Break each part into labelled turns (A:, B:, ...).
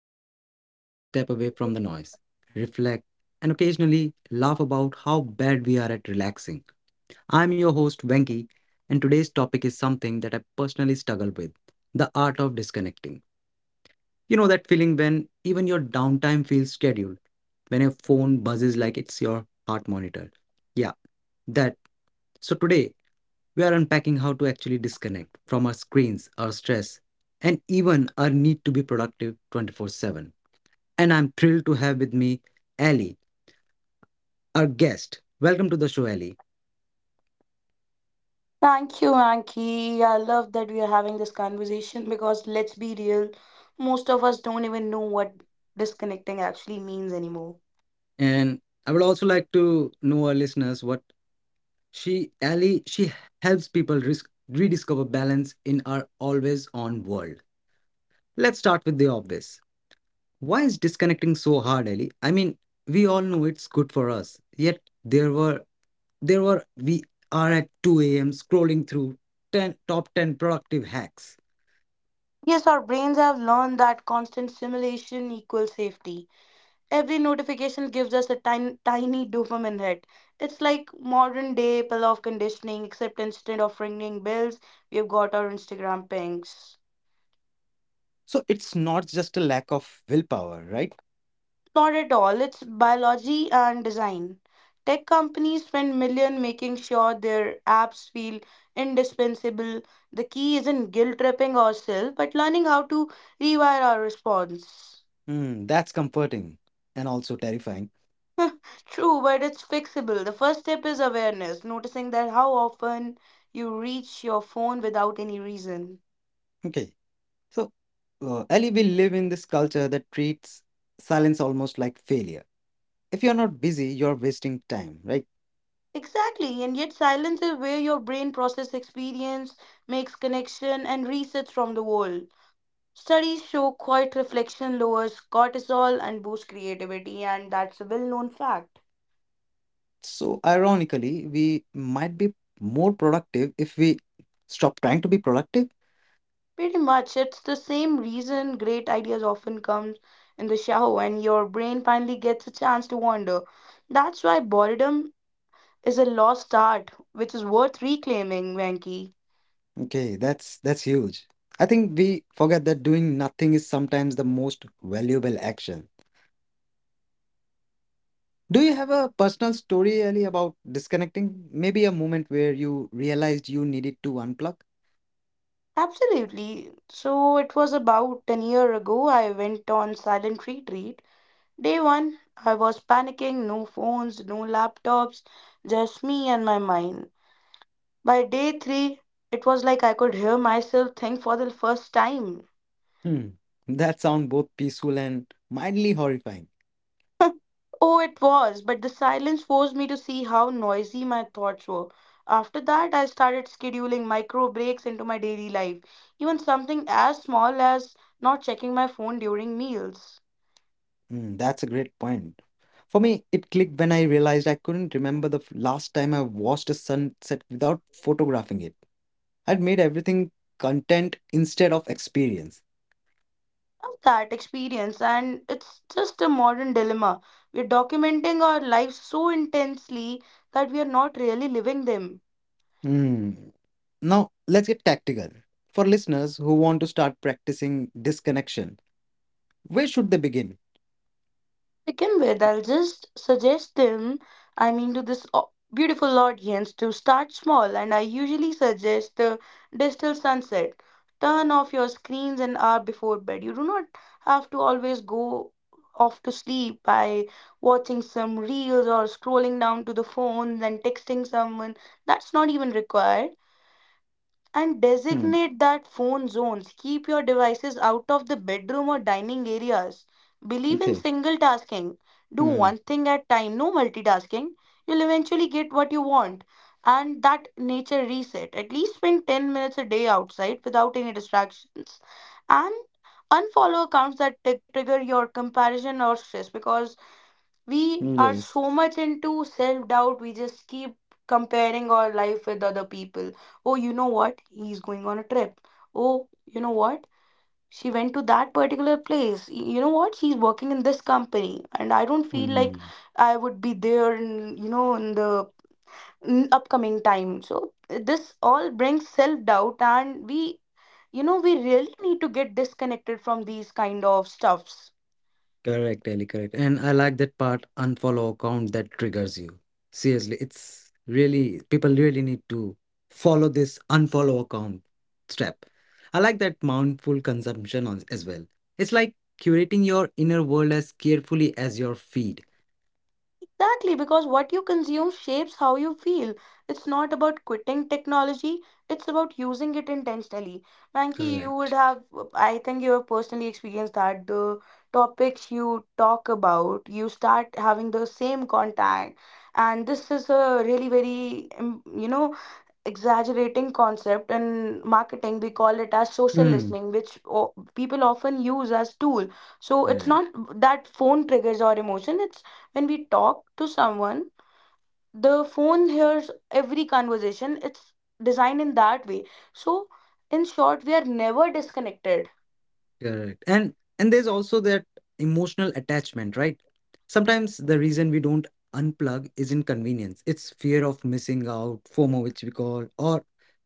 A: podcast where we take a step away from the noise, reflect, and occasionally laugh about how bad we are at relaxing. I'm your host Venki, and today's topic is something that I personally struggle with: the art of disconnecting. You know that feeling when even your downtime feels scheduled, when your phone buzzes like it's your heart monitor? Yeah, that. So today, we are unpacking how to actually disconnect from our screens, our stress, and even our need to be productive 24/7. And I'm thrilled to have with me Ali, our guest. Welcome to the show, Ali.
B: Thank you, Anki. I love that we are having this conversation because let's be real, most of us don't even know what disconnecting actually means anymore.
A: And I would also like to know, our listeners, what she, Ali, she helps people rediscover balance in our always on world. Let's start with the obvious. Why is disconnecting so hard, Ali? I mean, we all know it's good for us, yet there were There were we are at 2 a.m. scrolling through 10 top 10 productive hacks.
B: Yes, our brains have learned that constant stimulation equals safety. Every notification gives us a tiny, tiny dopamine hit. It's like modern day pill of conditioning, except instead of ringing bells, we've got our Instagram pings.
A: So it's not just a lack of willpower, right?
B: Not at all. It's biology and design. Tech companies spend millions making sure their apps feel indispensable. The key isn't guilt tripping ourselves, but learning how to rewire our response.
A: Hmm, that's comforting and also terrifying.
B: True, but it's fixable. The first step is awareness, noticing that how often you reach your phone without any reason.
A: Okay, so Ellie, we live in this culture that treats silence almost like failure. If you're not busy, you're wasting time, right?
B: Exactly, and yet silence is where your brain process experience, makes connection, and resets from the world. Studies show quiet reflection lowers cortisol and boosts creativity, and that's a well known fact.
A: So ironically, we might be more productive if we stop trying to be productive.
B: Pretty much, it's the same reason great ideas often come in the shower when your brain finally gets a chance to wander. That's why boredom is a lost art, which is worth reclaiming, Venki.
A: Okay, that's huge. I think we forget that doing nothing is sometimes the most valuable action. Do you have a personal story, Ali, about disconnecting? Maybe a moment where you realized you needed to unplug?
B: Absolutely. So, it was about 10 year ago I went on silent retreat. Day one, I was panicking, no phones, no laptops, just me and my mind. By day three, it was like I could hear myself think for the first time.
A: Hmm. That sound both peaceful and mildly horrifying.
B: Oh, it was, but the silence forced me to see how noisy my thoughts were. After that, I started scheduling micro breaks into my daily life, even something as small as not checking my phone during meals.
A: Hmm, that's a great point. For me, it clicked when I realized I couldn't remember the last time I watched a sunset without photographing it. I'd made everything content instead of experience.
B: Of that experience, and it's just a modern dilemma. We're documenting our lives so intensely that we are not really living them.
A: Hmm. Now, let's get tactical. For listeners who want to start practicing disconnection, where should they begin?
B: Begin with, I'll just suggest them, to this beautiful audience to start small. And I usually suggest the digital sunset. Turn off your screens an hour before bed. You do not have to always go off to sleep by watching some reels or scrolling down to the phone and texting someone. That's not even required. And
A: Hmm.
B: designate that phone zones. Keep your devices out of the bedroom or dining areas. Believe in
A: Okay.
B: single tasking. Do
A: Hmm.
B: one thing at time, no multitasking. You'll eventually get what you want. And that nature reset. At least spend 10 minutes a day outside without any distractions. And unfollow accounts that trigger your comparison or stress because we are
A: Yes.
B: so much into self doubt, we just keep comparing our life with other people. Oh, you know what? He's going on a trip. Oh, you know what? She went to that particular place. You know what? She's working in this company, and I don't feel like
A: Hmm.
B: I would be there in, you know, in the in upcoming time. So, this all brings self doubt, and we, you know, we really need to get disconnected from these kind of stuffs.
A: Correct, Ellie. Correct. And I like that part. Unfollow account that triggers you. Seriously, it's really people really need to follow this unfollow account step. I like that mindful consumption on, as well. It's like curating your inner world as carefully as your feed.
B: Exactly, because what you consume shapes how you feel. It's not about quitting technology, it's about using it intentionally. Manki, you would
A: Correct.
B: have, I think you have personally experienced that the topics you talk about, you start having the same contact. And this is a really very, you know, exaggerating concept in marketing we call it as social
A: Hmm.
B: listening which o- people often use as tool. So it's not
A: Correct.
B: that phone triggers our emotion, it's when we talk to someone, the phone hears every conversation. It's designed in that way, so in short, we are never disconnected.
A: Correct. And there's also that emotional attachment, right? Sometimes the reason we don't unplug is inconvenience. It's fear of missing out, FOMO, which we call, or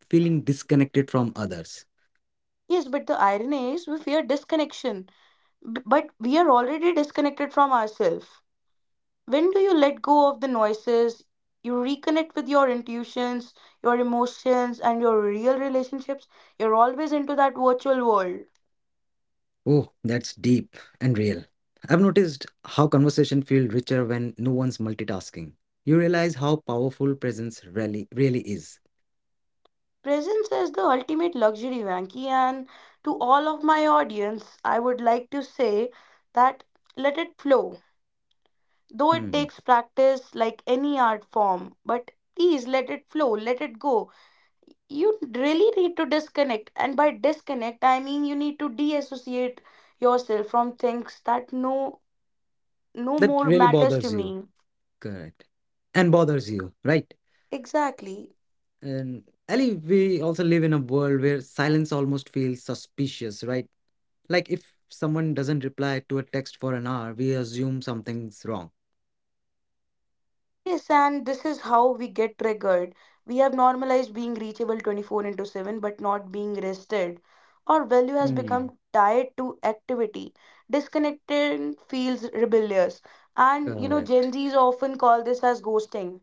A: feeling disconnected from others.
B: Yes, but the irony is we fear disconnection, but we are already disconnected from ourselves. When do you let go of the noises? You reconnect with your intuitions, your emotions, and your real relationships. You're always into that virtual world.
A: Oh, that's deep and real. I've noticed how conversation feel richer when no one's multitasking. You realize how powerful presence really really is.
B: Presence is the ultimate luxury, Vanky. And to all of my audience, I would like to say that let it flow. Though it
A: Hmm.
B: takes practice like any art form, but please let it flow, let it go. You really need to disconnect, and by disconnect I mean you need to deassociate yourself from things that no no
A: That
B: more
A: really
B: matters to
A: bothers you.
B: me.
A: Correct. And bothers you, right?
B: Exactly.
A: And Ali, we also live in a world where silence almost feels suspicious, right? Like if someone doesn't reply to a text for an hour, we assume something's wrong.
B: Yes, and this is how we get triggered. We have normalized being reachable 24 into 7, but not being rested. Our value has
A: Hmm,
B: become tied to activity. Disconnecting feels rebellious, and you know, gen
A: correct.
B: z's often call this as ghosting.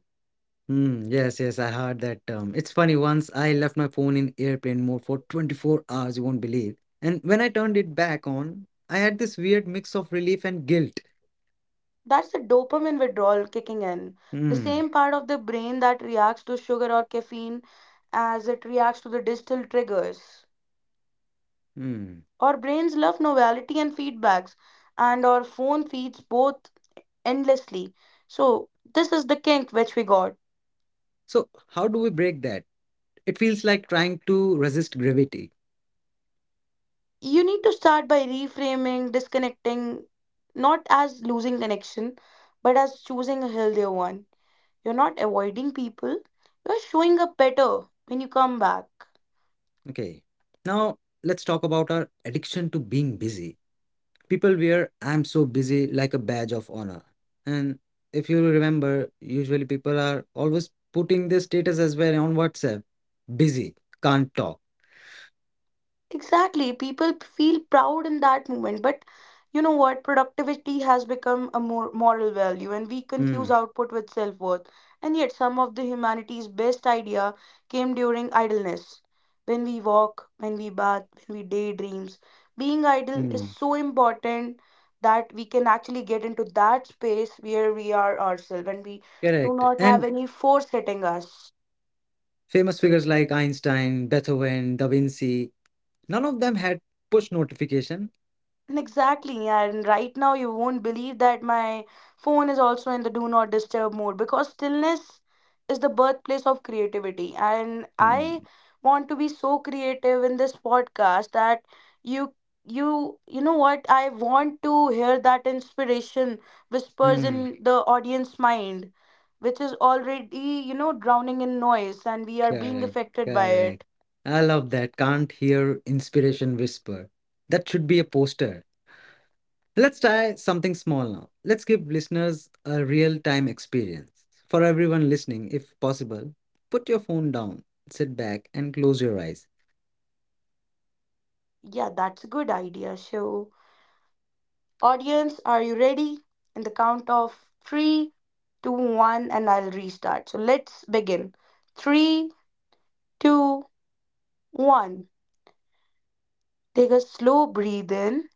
A: Hmm, yes, yes, I heard that term. It's funny, once I left my phone in airplane mode for 24 hours, you won't believe. And when I turned it back on, I had this weird mix of relief and guilt.
B: That's the dopamine withdrawal kicking in. The
A: Hmm.
B: same part of the brain that reacts to sugar or caffeine as it reacts to the digital triggers.
A: Hmm.
B: Our brains love novelty and feedbacks, and our phone feeds both endlessly. So, this is the kink which we got.
A: So, how do we break that? It feels like trying to resist gravity.
B: You need to start by reframing, disconnecting, not as losing connection, but as choosing a healthier one. You're not avoiding people, you're showing up better when you come back.
A: Okay. Now let's talk about our addiction to being busy. People wear "I'm so busy" like a badge of honor. And if you remember, usually people are always putting their status as well on WhatsApp. "Busy, can't talk."
B: Exactly. People feel proud in that moment. But you know what? Productivity has become a more moral value, and we
A: Hmm.
B: confuse output with self worth. And yet, some of the humanity's best idea came during idleness. When we walk, when we bath, when we daydreams, being idle is
A: Hmm.
B: so important that we can actually get into that space where we are ourselves, and we do
A: Correct.
B: not have
A: And
B: any force hitting us.
A: famous figures like Einstein, Beethoven, Da Vinci, none of them had push notification.
B: And exactly, and right now you won't believe that my phone is also in the do not disturb mode, because stillness is the birthplace of creativity. And
A: Hmm.
B: I want to be so creative in this podcast that you you know what, I want to hear that inspiration whispers in the audience mind, which is already, you know, drowning in noise, and we are being
A: Correct,
B: affected by
A: correct.
B: it.
A: I love that. "Can't hear inspiration whisper." That should be a poster. Let's try something small now. Let's give listeners a real time experience. For everyone listening, if possible, put your phone down, sit back, and close your eyes.
B: Yeah, that's a good idea, Shiv. Audience, are you ready? In the count of 3, 2, 1, and I'll restart. So let's begin. 3, 2, one. Take a slow breathe in,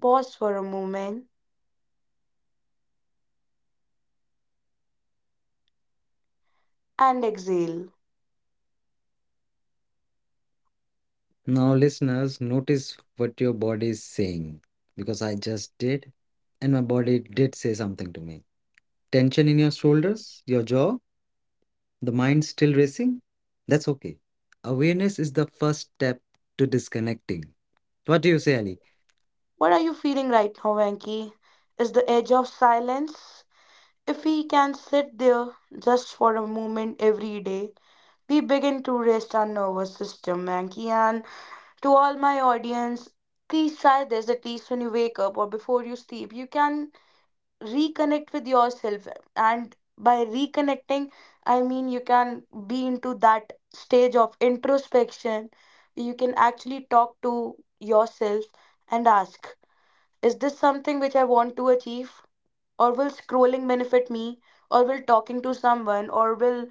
B: pause for a moment, and exhale.
A: Now, listeners, notice what your body is saying, because I just did, and my body did say something to me. Tension in your shoulders, your jaw, the mind still racing? That's okay. Awareness is the first step to disconnecting. What do you say, Ali?
B: What are you feeling right now, Venki? Is the edge of silence? If we can sit there just for a moment every day, we begin to rest our nervous system, Venki, and to all my audience, please try this at least when you wake up or before you sleep. You can reconnect with yourself, and by reconnecting, I mean you can be into that stage of introspection. You can actually talk to yourself and ask, is this something which I want to achieve? Or will scrolling benefit me? Or will talking to someone? Or will,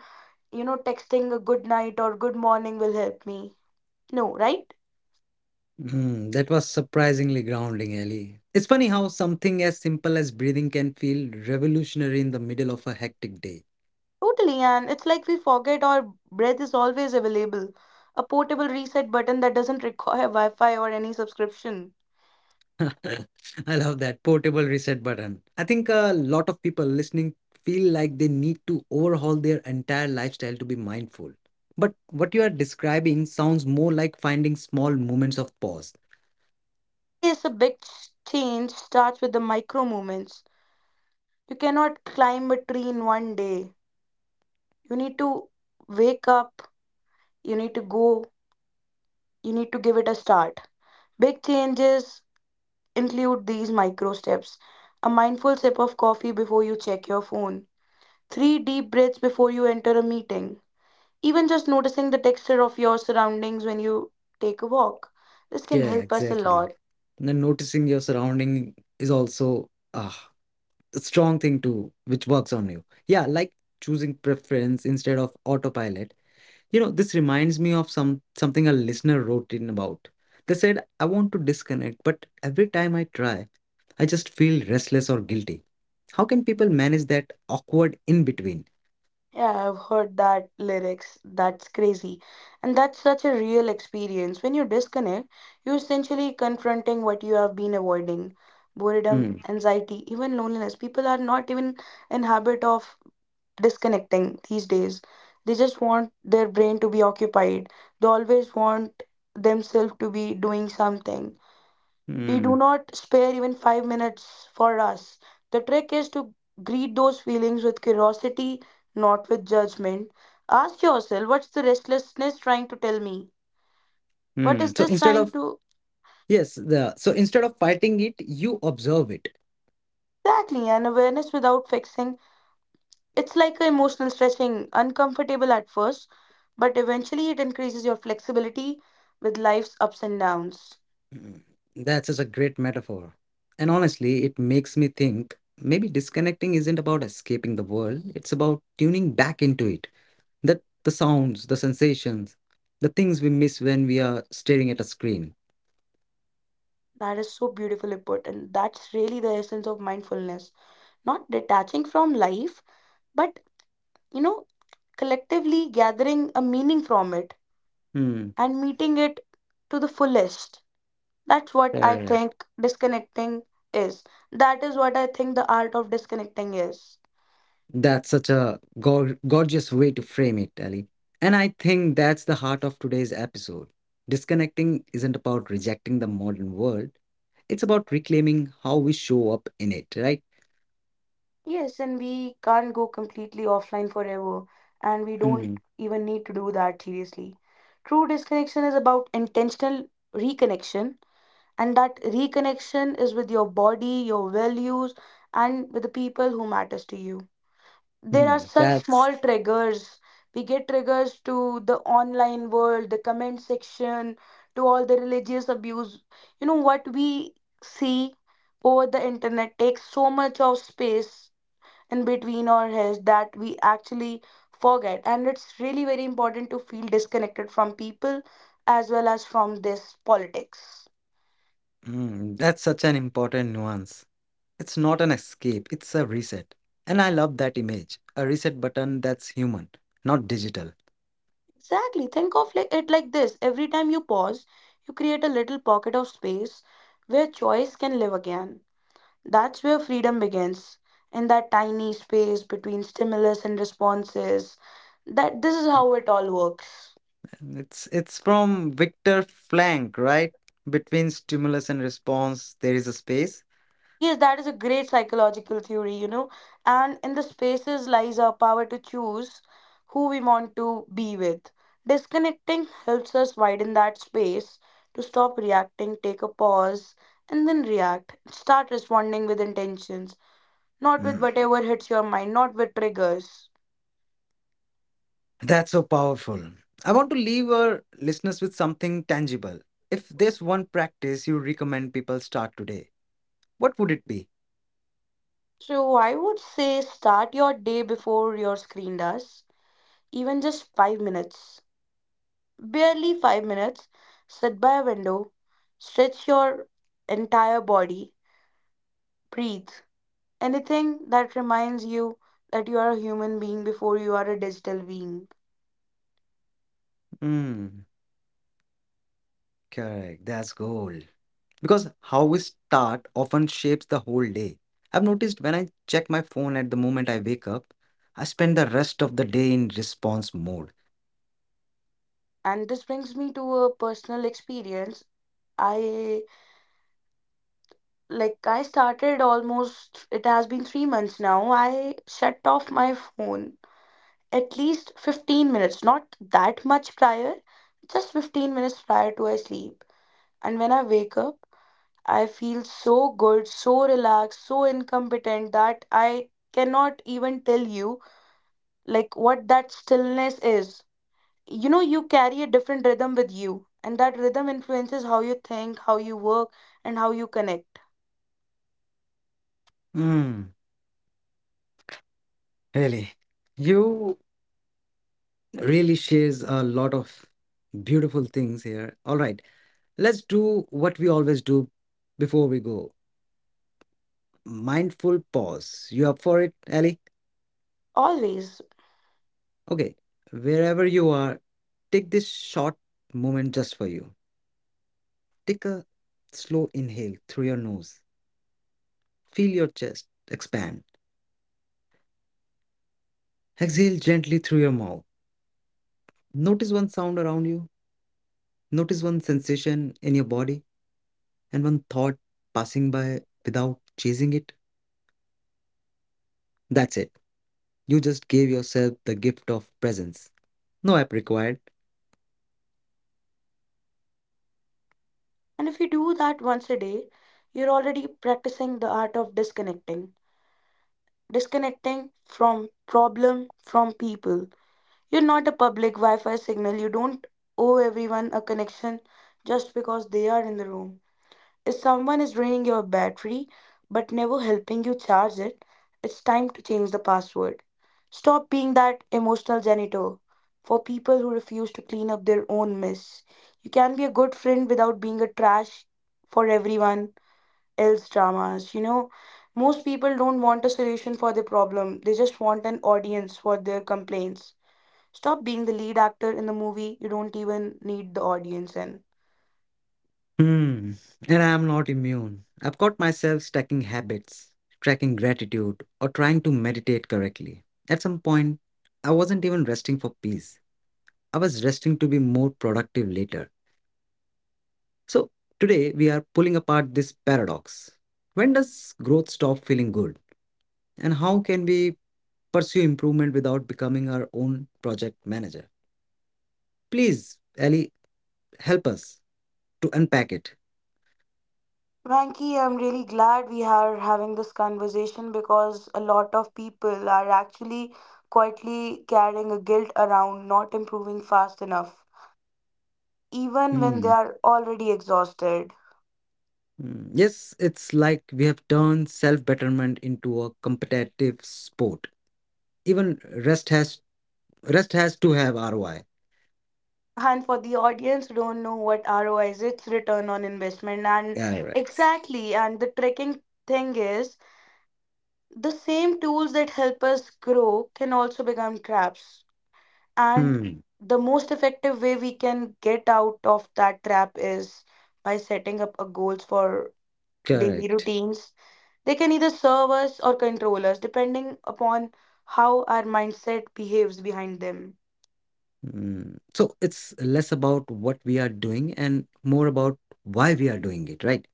B: you know, texting a good night or good morning will help me? No, right?
A: Hmm, that was surprisingly grounding, Ali. It's funny how something as simple as breathing can feel revolutionary in the middle of a hectic day.
B: Totally, and it's like we forget our breath is always available. A portable reset button that doesn't require Wi Fi or any subscription.
A: I love that portable reset button. I think a lot of people listening feel like they need to overhaul their entire lifestyle to be mindful. But what you are describing sounds more like finding small moments of pause.
B: Yes, a big change starts with the micro movements. You cannot climb a tree in one day. You need to wake up, you need to go, you need to give it a start. Big changes include these micro steps: a mindful sip of coffee before you check your phone, 3 deep breaths before you enter a meeting, even just noticing the texture of your surroundings when you take a walk. This can
A: Yeah,
B: help us a
A: exactly.
B: lot.
A: And then noticing your surrounding is also, a strong thing too, which works on you. Yeah, like choosing preference instead of autopilot. You know, this reminds me of something a listener wrote in about. They said, "I want to disconnect, but every time I try, I just feel restless or guilty. How can people manage that awkward in between?"
B: Yeah, I've heard that lyrics. That's crazy. And that's such a real experience. When you disconnect, you're essentially confronting what you have been avoiding. Boredom,
A: Hmm.
B: anxiety, even loneliness. People are not even in habit of disconnecting these days. They just want their brain to be occupied. They always want themselves to be doing something. We do
A: Hmm.
B: not spare even 5 minutes for us. The trick is to greet those feelings with curiosity, not with judgment. Ask yourself, what's the restlessness trying to tell me? What
A: Hmm.
B: is
A: So
B: this
A: instead
B: trying
A: of
B: to?
A: yes, the so instead of fighting it, you observe it.
B: Exactly, an awareness without fixing. It's like a emotional stretching, uncomfortable at first, but eventually it increases your flexibility with life's ups and downs.
A: Mm, that's such a great metaphor. And honestly, it makes me think maybe disconnecting isn't about escaping the world, it's about tuning back into it. The sounds, the sensations, the things we miss when we are staring at a screen.
B: That is so beautifully put, and that's really the essence of mindfulness. Not detaching from life, but you know, collectively gathering a meaning from it
A: Hmm.
B: and meeting it to the fullest. That's what I
A: Correct.
B: think disconnecting is. That is what I think the art of disconnecting is.
A: That's such a gorgeous way to frame it, Ali. And I think that's the heart of today's episode. Disconnecting isn't about rejecting the modern world, it's about reclaiming how we show up in it, right?
B: Yes, and we can't go completely offline forever, and we don't
A: Hmm.
B: even need to do that seriously. True disconnection is about intentional reconnection, and that reconnection is with your body, your values, and with the people who matters to you. There are
A: Mm,
B: such
A: That's
B: small triggers, we get triggers to the online world, the comment section, to all the religious abuse. You know what we see over the internet takes so much of space in between our heads that we actually forget, and it's really very important to feel disconnected from people as well as from this politics.
A: mm. That's such an important nuance. It's not an escape, it's a reset. And I love that image. A reset button that's human, not digital.
B: Exactly, think of like it like this, every time you pause you create a little pocket of space where choice can live again. That's where freedom begins, in that tiny space between stimulus and responses. That this is how it all works.
A: And it's from Victor Frank, right? Between stimulus and response, there is a space.
B: Yes, that is a great psychological theory, you know. And in the spaces lies our power to choose who we want to be with. Disconnecting helps us widen that space to stop reacting, take a pause, and then react. Start responding with intentions, not with
A: Mm,
B: whatever hits your mind, not with triggers.
A: that's so powerful. I want to leave our listeners with something tangible. If there's one practice you recommend people start today, what would it be?
B: So I would say start your day before your screen does, even just 5 minutes, barely 5 minutes. Sit by a window, stretch your entire body, breathe. Anything that reminds you that you are a human being before you are a digital being.
A: Mm, correct. That's gold, because how we start often shapes the whole day. I've noticed when I check my phone at the moment I wake up, I spend the rest of the day in response mode.
B: And this brings me to a personal experience. I I started almost it has been 3 months now. I shut off my phone at least 15 minutes, not that much prior, just 15 minutes prior to I sleep. And when I wake up, I feel so good, so relaxed, so incompetent that I cannot even tell you like what that stillness is. You know, you carry a different rhythm with you, and that rhythm influences how you think, how you work, and how you connect.
A: Mm, really. You really shares a lot of beautiful things here. All right, let's do what we always do before we go. Mindful pause. You up for it, Ali?
B: Always.
A: Okay. Wherever you are, take this short moment just for you. Take a slow inhale through your nose. Feel your chest expand. Exhale gently through your mouth. Notice one sound around you. Notice one sensation in your body and one thought passing by without chasing it. That's it. You just gave yourself the gift of presence. No app required.
B: And if you do that once a day, you're already practicing the art of disconnecting, disconnecting from problem from people. You're not a public Wi Fi signal. You don't owe everyone a connection just because they are in the room. If someone is draining your battery but never helping you charge it, it's time to change the password. Stop being that emotional janitor for people who refuse to clean up their own mess. You can be a good friend without being a trash for everyone else dramas. You know, most people don't want a solution for their problem, they just want an audience for their complaints. Stop being the lead actor in the movie, you don't even need the audience in.
A: Hmm. And I am not immune. I've caught myself stacking habits, tracking gratitude, or trying to meditate correctly. At some point, I wasn't even resting for peace. I was resting to be more productive later. So, today we are pulling apart this paradox. When does growth stop feeling good? And how can we pursue improvement without becoming our own project manager? Please, Ali, help us to unpack it.
B: Vanki, I'm really glad we are having this conversation because a lot of people are actually quietly carrying a guilt around not improving fast enough, even when they
A: Hmm.
B: are already exhausted.
A: Mm, yes, it's like we have turned self-betterment into a competitive sport. Even rest has rest has to have ROI.
B: And for the audience who don't know what ROI is, it's return on investment. And
A: RX.
B: exactly, and the tricking thing is the same tools that help us grow can also become traps. And
A: Hmm.
B: the most effective way we can get out of that trap is by setting up a goals for daily
A: Correct.
B: routines. They can either serve us or control us, depending upon how our mindset behaves behind them.
A: Hmm. So it's less about what we are doing and more about why we are doing it, right?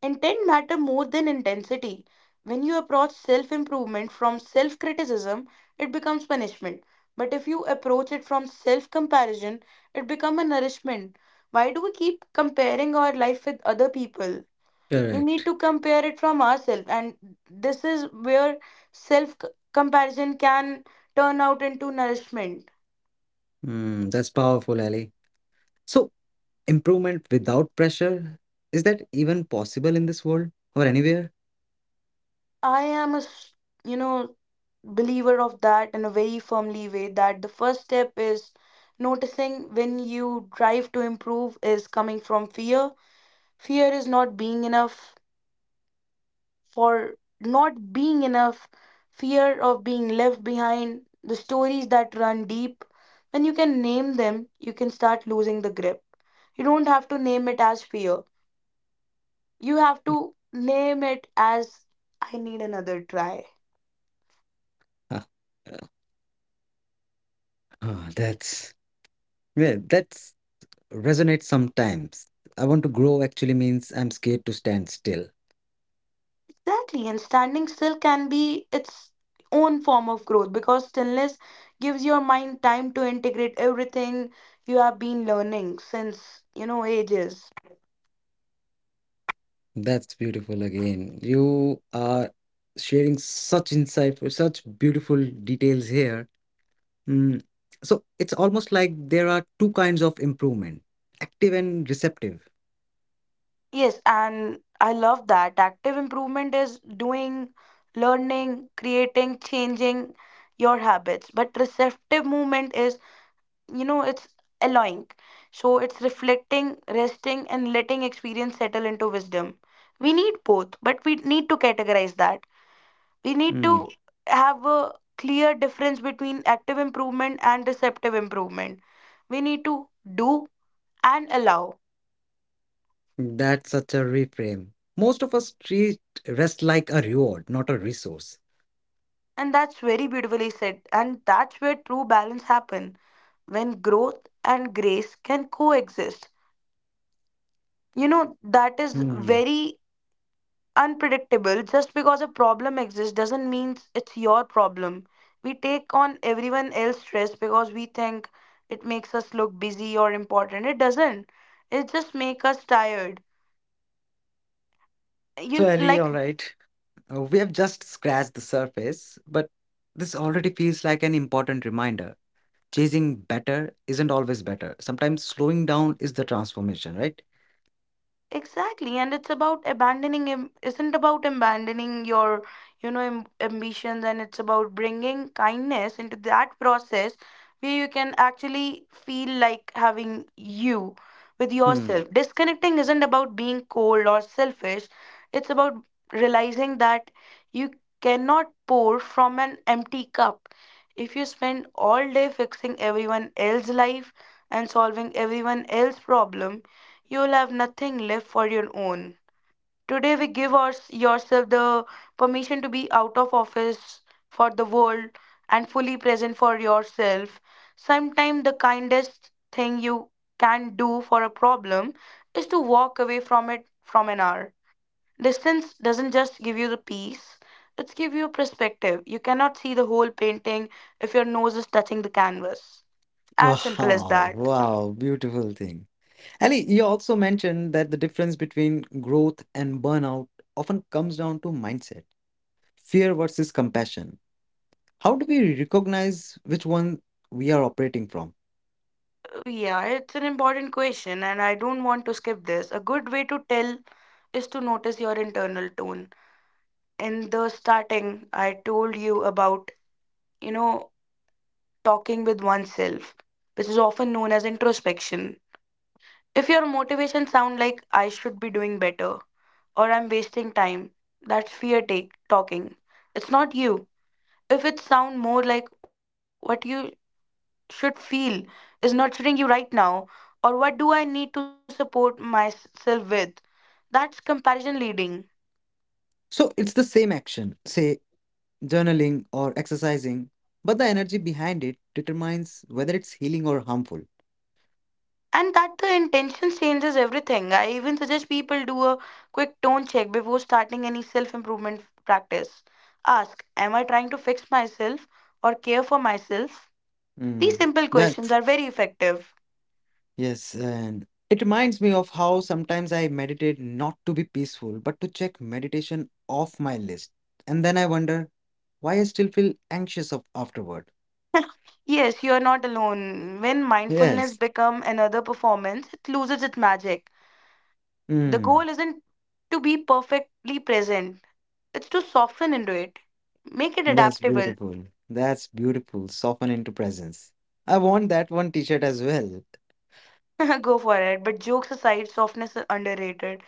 B: Intent matter more than intensity. When you approach self improvement from self criticism, it becomes punishment. But if you approach it from self comparison, it becomes a nourishment. Why do we keep comparing our life with other people? We need
A: Correct.
B: to compare it from ourselves, and this is where self comparison can turn out into nourishment.
A: Hmm. That's powerful, Ali. So improvement without pressure, is that even possible in this world or anywhere?
B: I am a, s- You know, believer of that in a very firmly way that the first step is noticing when you drive to improve is coming from fear, fear is not being enough, for not being enough, fear of being left behind, the stories that run deep. When you can name them you can start losing the grip. You don't have to name it as fear, you have to name it as I need another try.
A: Ah, ah, that's, yeah, that's resonate sometimes. I want to grow actually means I'm scared to stand still.
B: Exactly, and standing still can be its own form of growth because stillness gives your mind time to integrate everything you have been learning since, you know, ages.
A: That's beautiful again. You are sharing such insight, such beautiful details here. Mm. So it's almost like there are two kinds of improvement: active and receptive.
B: Yes, and I love that. Active improvement is doing, learning, creating, changing your habits. But receptive movement is, you know, it's allowing. So it's reflecting, resting, and letting experience settle into wisdom. We need both, but we need to categorize that. We need
A: Mm.
B: to have a clear difference between active improvement and receptive improvement. We need to do and allow.
A: That's such a reframe. Most of us treat rest like a reward, not a resource.
B: And that's very beautifully said. And that's where true balance happens when growth and grace can coexist. You know, that is
A: Mm.
B: very unpredictable. Just because a problem exists doesn't mean it's your problem. We take on everyone else's stress because we think it makes us look busy or important. It doesn't, it just make us tired,
A: So, Ali,
B: like
A: all right. We have just scratched the surface, but this already feels like an important reminder. Chasing better isn't always better. Sometimes slowing down is the transformation, right?
B: exactly, and it's about isn't about abandoning your, ambitions, and it's about bringing kindness into that process where you can actually feel like having you with
A: Hmm.
B: yourself. Disconnecting isn't about being cold or selfish, it's about realizing that you cannot pour from an empty cup. If you spend all day fixing everyone else's life and solving everyone else's problem, you'll have nothing left for your own. Today, we give our, yourself the permission to be out of office for the world and fully present for yourself. Sometimes, the kindest thing you can do for a problem is to walk away from it from an hour. Distance doesn't just give you the peace, it's give you a perspective. You cannot see the whole painting if your nose is touching the canvas. As simple as
A: Wow,
B: that.
A: wow, beautiful thing. Ali, you also mentioned that the difference between growth and burnout often comes down to mindset, fear versus compassion. How do we recognize which one we are operating from?
B: Yeah, it's an important question, and I don't want to skip this. A good way to tell is to notice your internal tone. In the starting, I told you about, you know, talking with oneself, which is often known as introspection. If your motivation sound like I should be doing better or I'm wasting time, that's fear take talking. It's not you. If it sound more like what you should feel is nurturing you right now, or what do I need to support myself with? That's comparison leading.
A: So it's the same action, say journaling or exercising, but the energy behind it determines whether it's healing or harmful.
B: And that the intention changes everything. I even suggest people do a quick tone check before starting any self improvement practice. Ask, am I trying to fix myself or care for myself? These
A: Mm.
B: simple
A: That,
B: questions are very effective.
A: yes, and it reminds me of how sometimes I meditate not to be peaceful, but to check meditation off my list. And then I wonder why I still feel anxious of afterward.
B: Yes, you are not alone. When mindfulness
A: Yes.
B: becomes another performance, it loses its magic. The
A: Mm.
B: goal isn't to be perfectly present, it's to soften into it, make it
A: That's
B: adaptable.
A: beautiful. That's beautiful. Soften into presence. I want that one t shirt as well.
B: Go for it. But jokes aside, softness is underrated.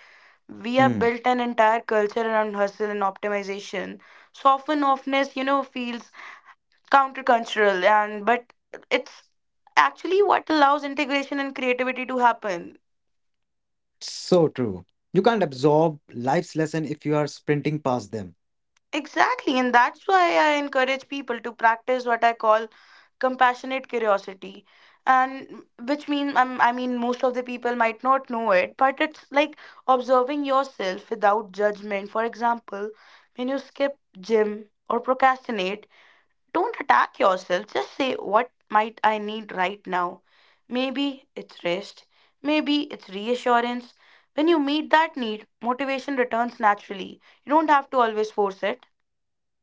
B: We have built an entire culture around hustle and optimization. Soften softness, you know, feels countercultural, and but it's actually what allows integration and creativity to happen.
A: So true. You can't absorb life's lesson if you are sprinting past them.
B: Exactly, and that's why I encourage people to practice what I call compassionate curiosity, and which mean, I mean most of the people might not know it, but it's like observing yourself without judgment. For example, when you skip gym or procrastinate, don't attack yourself, just say what might I need right now. Maybe it's rest, maybe it's reassurance. When you meet that need motivation returns naturally, you don't have to always force it.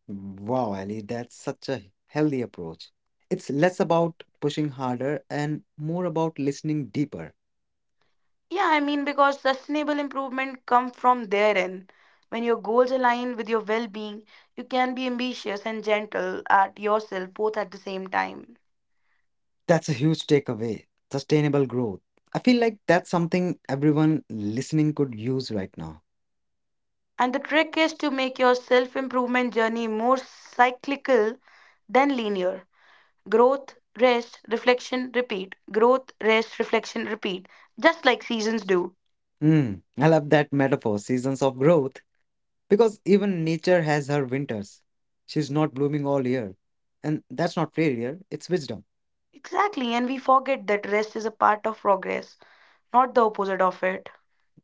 A: Wow, Ali, that's such a healthy approach. It's less about pushing harder and more about listening deeper.
B: Yeah, I mean, because sustainable improvement come from therein. When your goals align with your well-being, you can be ambitious and gentle at yourself both at the same time.
A: That's a huge takeaway. Sustainable growth. I feel like that's something everyone listening could use right now.
B: And the trick is to make your self-improvement journey more cyclical than linear. Growth, rest, reflection, repeat. Growth, rest, reflection, repeat. Just like seasons do.
A: Hmm, I love that metaphor, seasons of growth, because even nature has her winters. She's not blooming all year. And that's not failure, it's wisdom.
B: Exactly, and we forget that rest is a part of progress, not the opposite of it.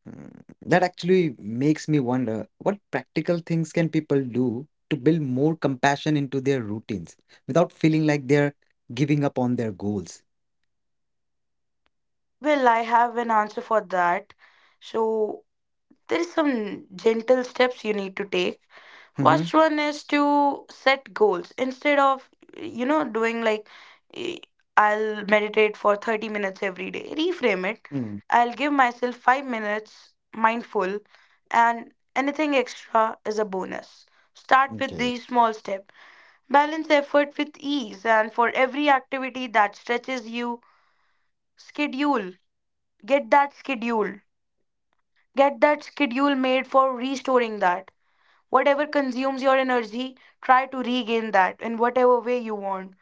A: Hmm, that actually makes me wonder what practical things can people do to build more compassion into their routines without feeling like they're giving up on their goals.
B: Well, I have an answer for that. So, there is some gentle steps you need to take.
A: Hmm.
B: First one is to set goals instead of, you know, doing like, eh, I'll meditate for 30 minutes every day, reframe it,
A: Mm,
B: I'll give myself 5 minutes mindful, and anything extra is a bonus. Start with
A: okay,
B: these small steps, balance effort with ease, and for every activity that stretches you schedule, get that schedule get that schedule made for restoring that. Whatever consumes your energy, try to regain that in whatever way you want.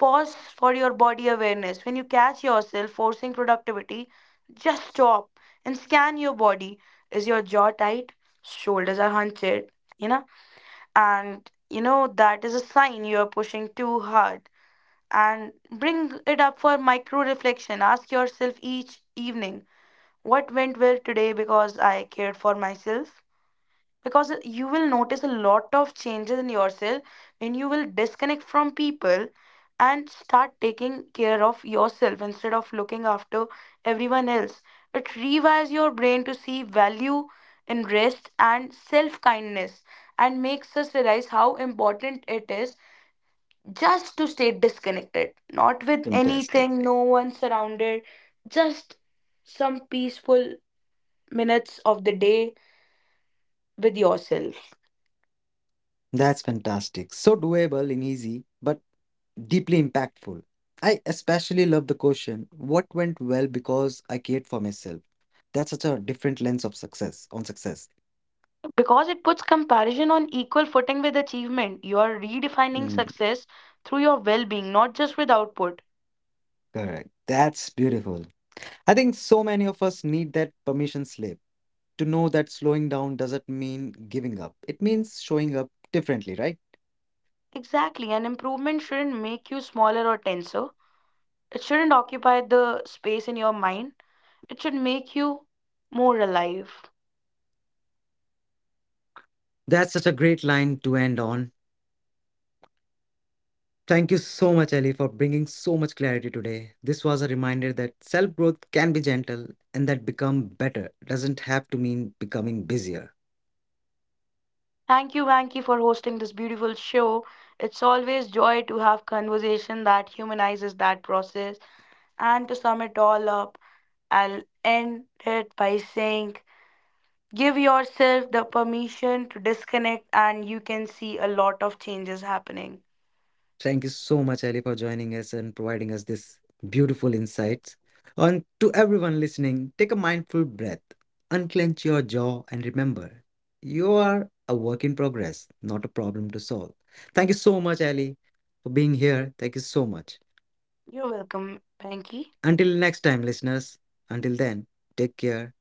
B: Pause for your body awareness. When you catch yourself forcing productivity, just stop and scan your body. Is your jaw tight? Shoulders are hunched, you know? And you know that is a sign you are pushing too hard. And bring it up for micro reflection. Ask yourself each evening, what went well today because I cared for myself? Because you will notice a lot of changes in yourself when you will disconnect from people and start taking care of yourself instead of looking after everyone else. It rewires your brain to see value in rest and self kindness, and makes us realize how important it is just to stay disconnected, not with
A: fantastic.
B: anything no one surrounded, just some peaceful minutes of the day with yourself.
A: That's fantastic. So doable and easy, but deeply impactful. I especially love the question what went well because I cared for myself. That's such a different lens of success on success.
B: Because it puts comparison on equal footing with achievement. You are redefining
A: Mm,
B: success through your well being, not just with output.
A: correct. That's beautiful. I think so many of us need that permission slip to know that slowing down doesn't mean giving up. It means showing up differently, right?
B: Exactly, an improvement shouldn't make you smaller or tenser. It shouldn't occupy the space in your mind. It should make you more alive.
A: That's such a great line to end on. Thank you so much, Ellie, for bringing so much clarity today. This was a reminder that self growth can be gentle and that become better doesn't have to mean becoming busier.
B: Thank you, Vanki, for hosting this beautiful show. It's always joy to have conversation that humanizes that process. And to sum it all up, I'll end it by saying give yourself the permission to disconnect and you can see a lot of changes happening.
A: Thank you so much, Ali, for joining us and providing us this beautiful insights. And to everyone listening, take a mindful breath, unclench your jaw, and remember, you are a work in progress, not a problem to solve. Thank you so much, Ali, for being here. Thank you so much.
B: You're welcome Panky.
A: Until next time, listeners, until then, take care.